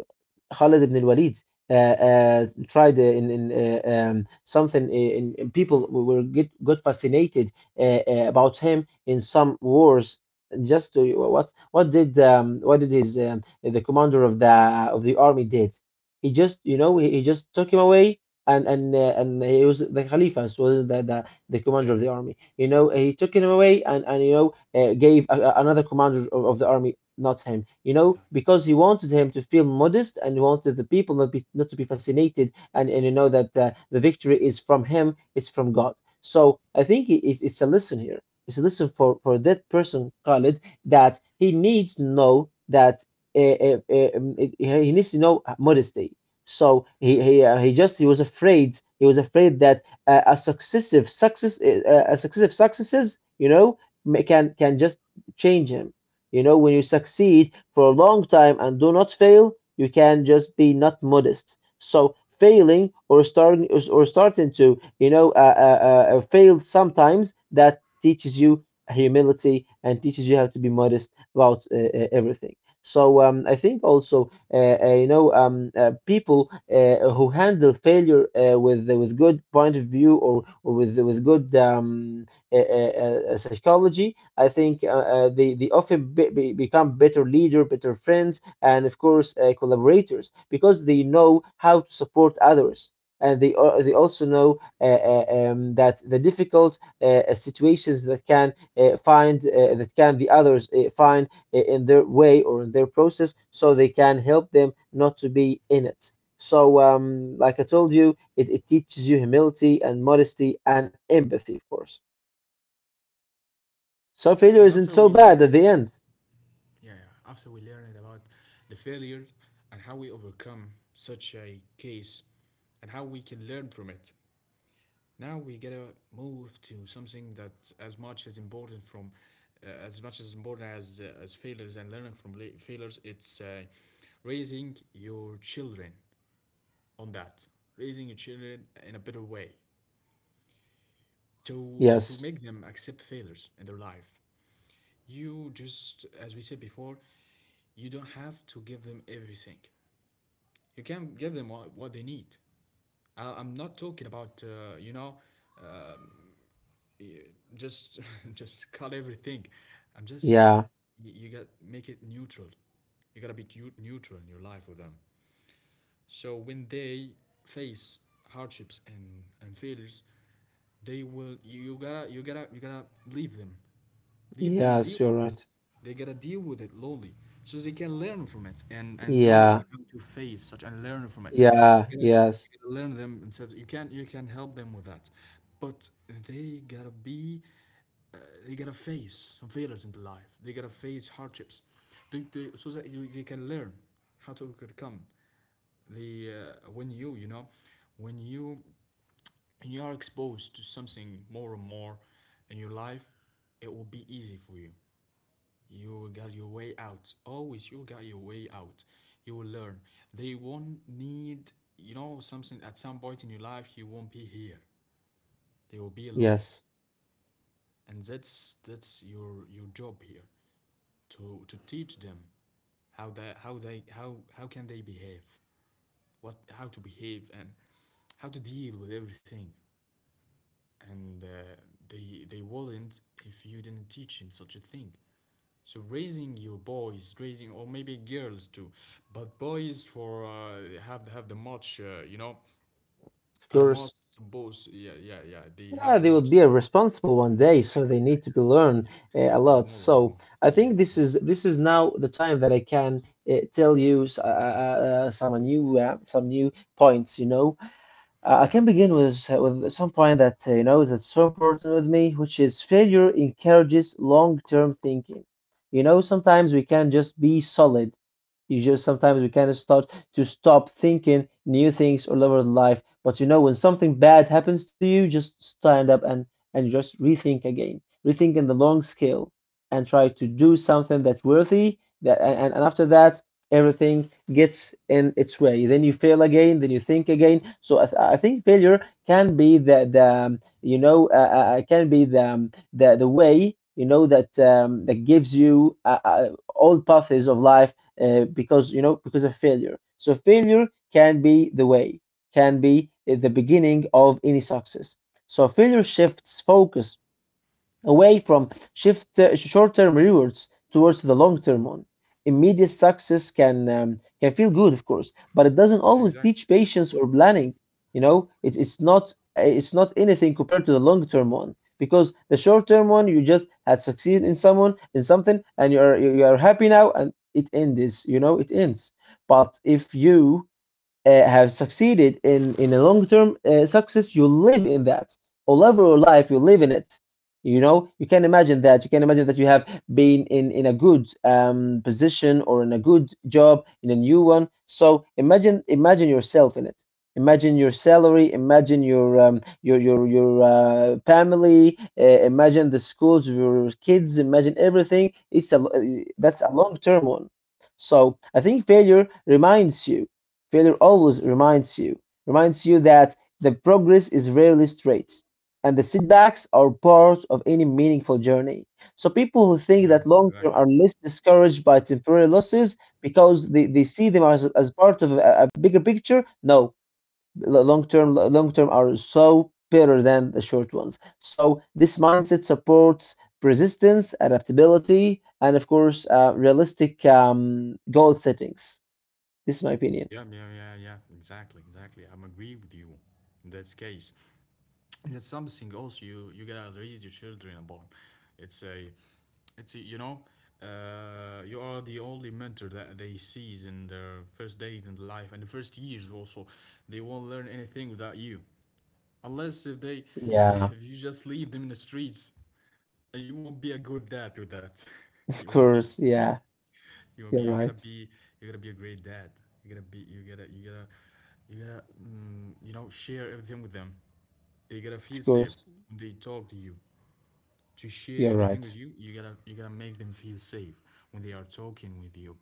Khalid ibn al-Walid tried in something in people were got fascinated about him in some wars just to, what did his the commander of the army did, he just you know he just took him away and he was the Khalifa so the commander
yeah,
of the army you know he took him away and you know gave another commander of the army, not him. You know,
yeah,
because he wanted him to feel modest and he wanted the people not to be fascinated and you know that the victory is from him, it's from God. So I think it's a lesson here. It's a lesson for that person, Khalid, that he needs to know that he needs to know modesty. So
yeah.
he was afraid he was afraid that a successive successes you know can just change him, you know, when you succeed for a long time and do not fail, you can just be not modest. So failing or starting to, you know, fail sometimes that teaches you humility and teaches you how to be modest about everything. So I think also you know people who handle failure with good point of view or with good psychology, I think they often become better leader, better friends, and of course collaborators because they know how to support others, and they also know that the difficult situations that can find that can the others find in their way or in their process, so they can help them not to be in it. So, like I told you, it teaches you humility and modesty and empathy, of course. So failure
And
isn't
after
so
we
bad at
learn
the
it,
end.
yeah, yeah, after we learn it about the failure and how we overcome such a case and how we can learn from it, now we gotta move to something that as much as important as failures and learning from failures. It's raising your children on that, raising your children in a better way to to
Yes.
make them accept failures in their life. You just, as we said before, you don't have to give them everything. You can give them what they need. I'm not talking about you know uh, just just cut everything. I'm just,
Yeah.
you got make it neutral, you gotta be neutral in your life with them, so when they face hardships and failures they will, you gotta you gotta leave them, leave them
Yes,
deal.
you're right.
They gotta deal with it lonely so they can learn from it and know
Yeah.
how to face such and learn from it.
Yeah. Yes.
They gotta learn themselves. You can, you can help them with that, but they gotta be, they gotta face failures in the life. They gotta face hardships, so that they can learn how to overcome the when you know, when you are exposed to something more and more in your life, it will be easy for you. You got your way out. Always, you got your way out. You will learn. They won't need, you know, something at some point in your life. You won't be here. They will be alone,
Yes.
and that's your job here to teach them how how can they behave, what how to behave and how to deal with everything. And they wouldn't if you didn't teach him such a thing. So raising your boys, raising or maybe girls too, but boys for have the much you know
Of
are most
course.
supposed, yeah yeah yeah, they have the
Yeah, they
much
would be responsible one day, so they need to be learned a
is
lot.
more, is
So
more,
I
yeah
think
yeah
this
more.
is this is now the time that I can tell you some new points, you know. I
Yeah,
can
okay.
begin with some point that you know that's so important with me, which is failure encourages long-term thinking. You know, sometimes we can just be solid. You just sometimes we can start to stop thinking new things all over life. But you know, when something bad happens to you, just stand up and just rethink again, rethink in the long scale, and try to do something that's worthy. That and after that, everything gets in its way. Then you fail again, then you think again. So I think
Yeah,
failure can be the you know can be the way you know that that gives you all paths of life because you know because of failure. So failure can be the way, can be the beginning of any success. So failure shifts focus away from shift short-term rewards towards the long-term one. Immediate success can feel good, of course, but it doesn't always
exactly,
teach patience or planning. You know, it's not anything compared to the long-term one because the short-term one you just had succeeded in someone in something and you are happy now and it ends. You know, it ends. But if you have succeeded in a long term success, you live in that all over your life, you live in it, you know you can imagine that you can imagine that you have been in a good position or in a good job in a new one, so imagine imagine yourself in it, imagine your salary, imagine your family, imagine the schools of your kids, imagine everything. It's a That's a long term one. So I think failure reminds you Failure always reminds you that the progress is rarely straight, and the setbacks are part of any meaningful journey. So people who think
yeah,
that long term
exactly.
are less discouraged by temporary losses because they see them as part of a bigger picture. No, long term are so better than the short ones. So this mindset supports persistence, adaptability, and of course, realistic goal settings. This is my opinion.
Yeah, yeah, yeah, yeah. Exactly, exactly. I'm agree with you in this case. And it's something also you gotta raise your children upon. It's a, you know, you are the only mentor that they sees in their first date in life and the first years also. They won't learn anything without you, unless if they,
Yeah.
if you just leave them in the streets, you won't be a good dad with that.
Of
You won't be,
course, yeah,
you gonna be,
you're
you gotta
right.
be, you gotta be a great dad. You gotta be, you gotta, you gotta, you gotta you know share everything with them. They gotta feel
Of
safe,
course,
they talk to you, to share
you're
everything with
right.
you. You gotta, you gotta make them feel safe when they are talking with you,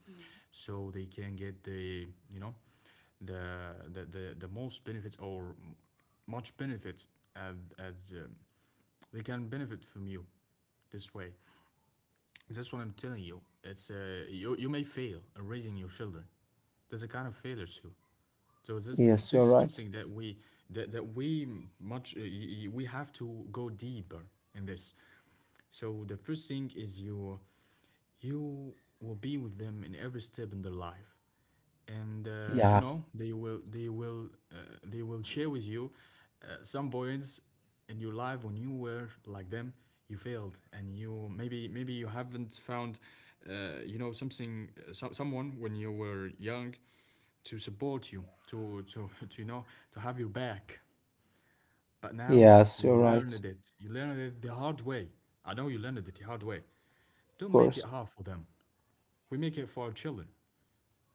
so they can get the, you know, the the most benefits or much benefits as they can benefit from you this way. That's what I'm telling you. It's you, you may fail in raising your children. There's a kind of failure too. So this
Yes,
this
you're
is
right.
something that we, that, that we much we have to go deeper in this. So the first thing is you, you will be with them in every step in their life, and you
Yeah,
know they will they will share with you some points in your life when you were like them. You failed, and you maybe, maybe you haven't found you know something someone when you were young to support you, to to, you know, to have your back, but now
yes,
you
you're
learned
right. Of
it, you learned it the hard way. I know you learned it the hard way. Don't make it
course.
hard for them. We make it for our children.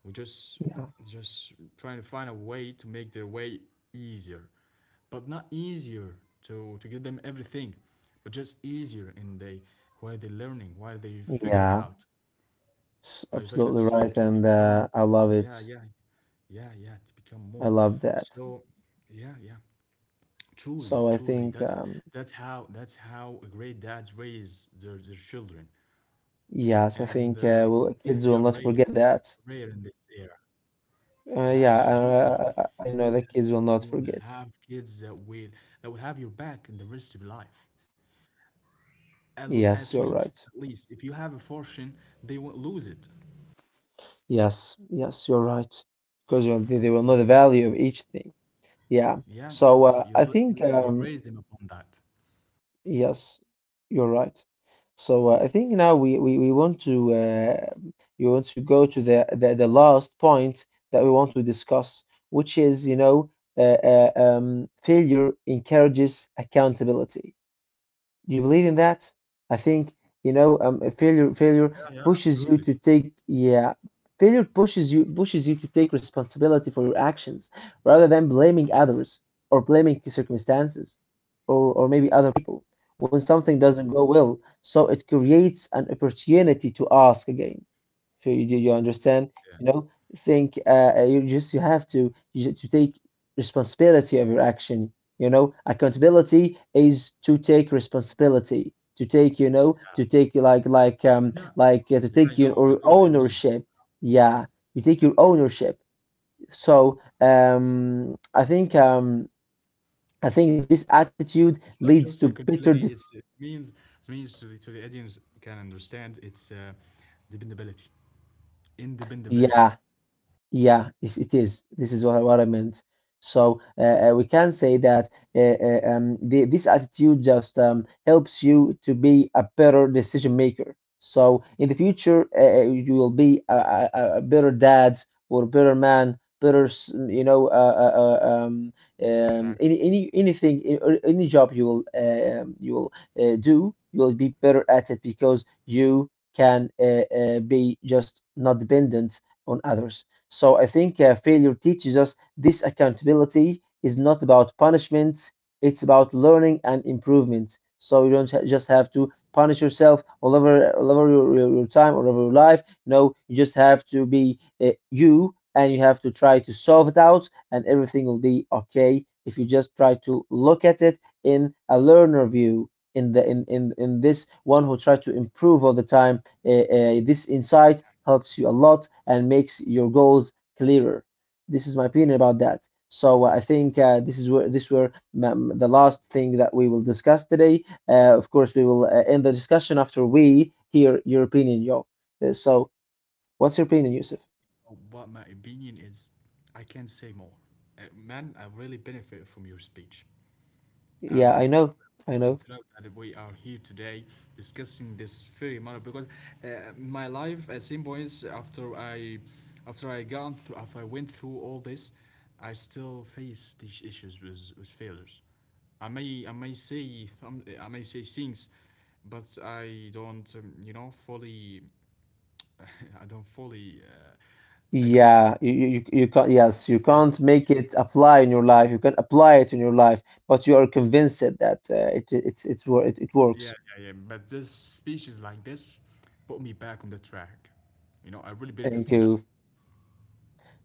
We just
Yeah,
just trying to find a way to make their way easier, but not easier to give them everything, but just easier in they why they learning, why they figured it
yeah,
out, why they figure it
absolutely right.
to
And
become,
I love it.
yeah yeah, yeah yeah, to become more.
I love that.
So yeah yeah, truly,
So I
truly,
think,
that's how great dads raise their children,
yes, I
and
think well, kids
they are
will not
rare,
forget that.
rare in this. Yeah, absolutely.
Yeah, I know the kids will
You
not
will have
forget.
kids that will, that will have your back in the rest of your life.
Yes, you're
At
right.
least, if you have a fortune, they won't lose it.
Yes, yes, you're right. Because they will
Yeah,
know the value of each thing. Yeah.
yeah, yeah, yeah.
So
You
I
you
think
you raise them upon that.
yes, you're right. So I think now we want to go to the last point that we want to discuss, which is you know failure encourages accountability. Do you believe in that? I think, a failure
Yeah, yeah,
pushes
absolutely.
you to take yeah, failure pushes you to take responsibility for your actions rather than blaming others or blaming circumstances or maybe other people when something doesn't go well. So it creates an opportunity to ask again. So you understand,
Yeah,
you know, think you just you have to take responsibility of your action. You know, accountability is to take responsibility, to take, you know, to take
yeah,
to
yeah.
take your
I
or
know what it means.
ownership. Yeah, you take your ownership. So I think this attitude
It's not
leads
just
to better.
accountability. It's it means, it means, to the, to the audience can understand, it's dependability, independability.
Yeah. Yeah, it's, it is. This is what I meant. So we can say that this attitude just helps you to be a better decision maker. So in the future, you will be a better dad or better man, better, s- you know,
Exactly.
anything, or any job you will do, you will be better at it because you can be just not dependent on others. So I think failure teaches us this accountability is not about punishment, it's about learning and improvement. So you don't just have to punish yourself all over your time, all over your life. No, you just have to be you have to try to solve it out, and everything will be okay if you just try to look at it in a learner view. In in this one who try to improve all the time, this insight helps you a lot and makes your goals clearer. This is my opinion about that. So I think this is where this were the last thing that we will discuss today. Of course, we will end the discussion after we hear your opinion, yo. So, what's your opinion, Yusuf?
But my opinion is, I can't say more. Man, I really benefit from your speech.
Yeah,
Um,
I know, I
I'm
know.
thrilled that we are here today discussing this very matter because uh, my life at some points, after I gone through, after I went through all this, I still face these issues with failures. I may say some, I may say things, but I don't you know fully I don't fully agree
Yeah, you can't.
because
Yes, you
yeah.
can't make it apply in your life. You can apply it in your life, but you are convinced that it's it
Yeah,
works.
yeah, yeah. But this speeches like this put me back on the track. You know, I really benefit
Thank
from that.
you.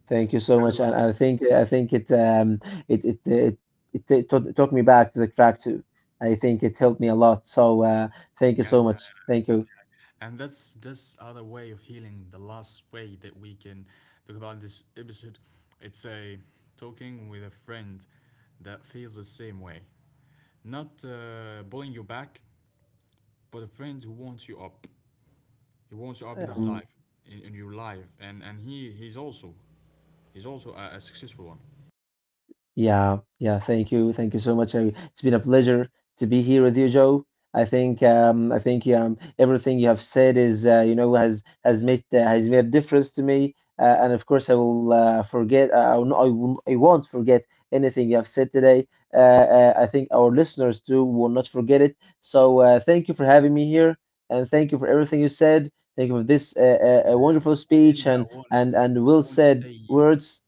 Thank you so
I
much,
really
and
love that.
I think it it it it, it, it took took me back to the track too. I think it helped me a lot. So thank you
Yeah,
so
yeah.
much. Thank you.
And that's this other way of healing. The last way that we can talk about in this episode, it's a talking with a friend that feels the same way. Not pulling you back, but a friend who wants you up. He wants you up in his
Um,
life, in your life, and he, he's also, he's also a successful one.
Yeah, yeah, thank you. Thank you so much. It's been a pleasure to be here with you, Joe. I think everything you have said is you know has made a difference to me. And of course I will forget I will, not- I will I won't forget anything you have said today. I think our listeners too will not forget it. So thank you for having me here and thank you for everything you said. Thank you for this
Yeah,
wonderful
before we
speech
end, I
and
want, I
well
want to
said
say,
words.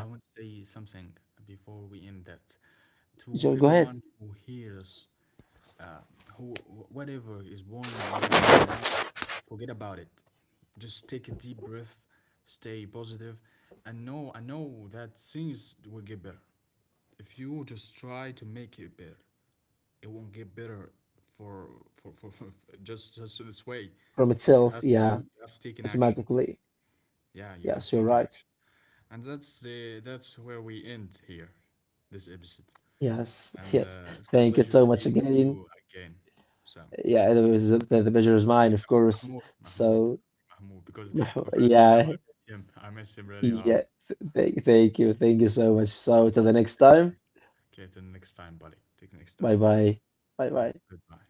I want to say something before we end, that to
Joe, go ahead.
everyone who hears uh, whatever is boring you right now, forget about it. Just take a deep breath, stay positive, and know I know that things will get better. If you just try to make it better, it won't get better for for, just this way.
From
You
itself,
have to do.
yeah,
You have to take an action.
automatically.
Yeah, you have
Yes,
to
you're
take an
right.
action. And that's where we end here, this episode.
Yes,
And
yes.
it's been a
Thank you
pleasure to
so
be
much
with
again.
you again, Sam.
Yeah, it was the pleasure is mine, of course.
Mahmoud, Mahmoud,
So,
Mahmoud, because my friend Hazam, I
yeah,
miss him. I miss him really hard.
yeah. Th th Thank you. Thank you so much. So, till the next time.
Okay, till next time, buddy. Till next time.
Bye bye. Bye
Yeah,
bye.
goodbye.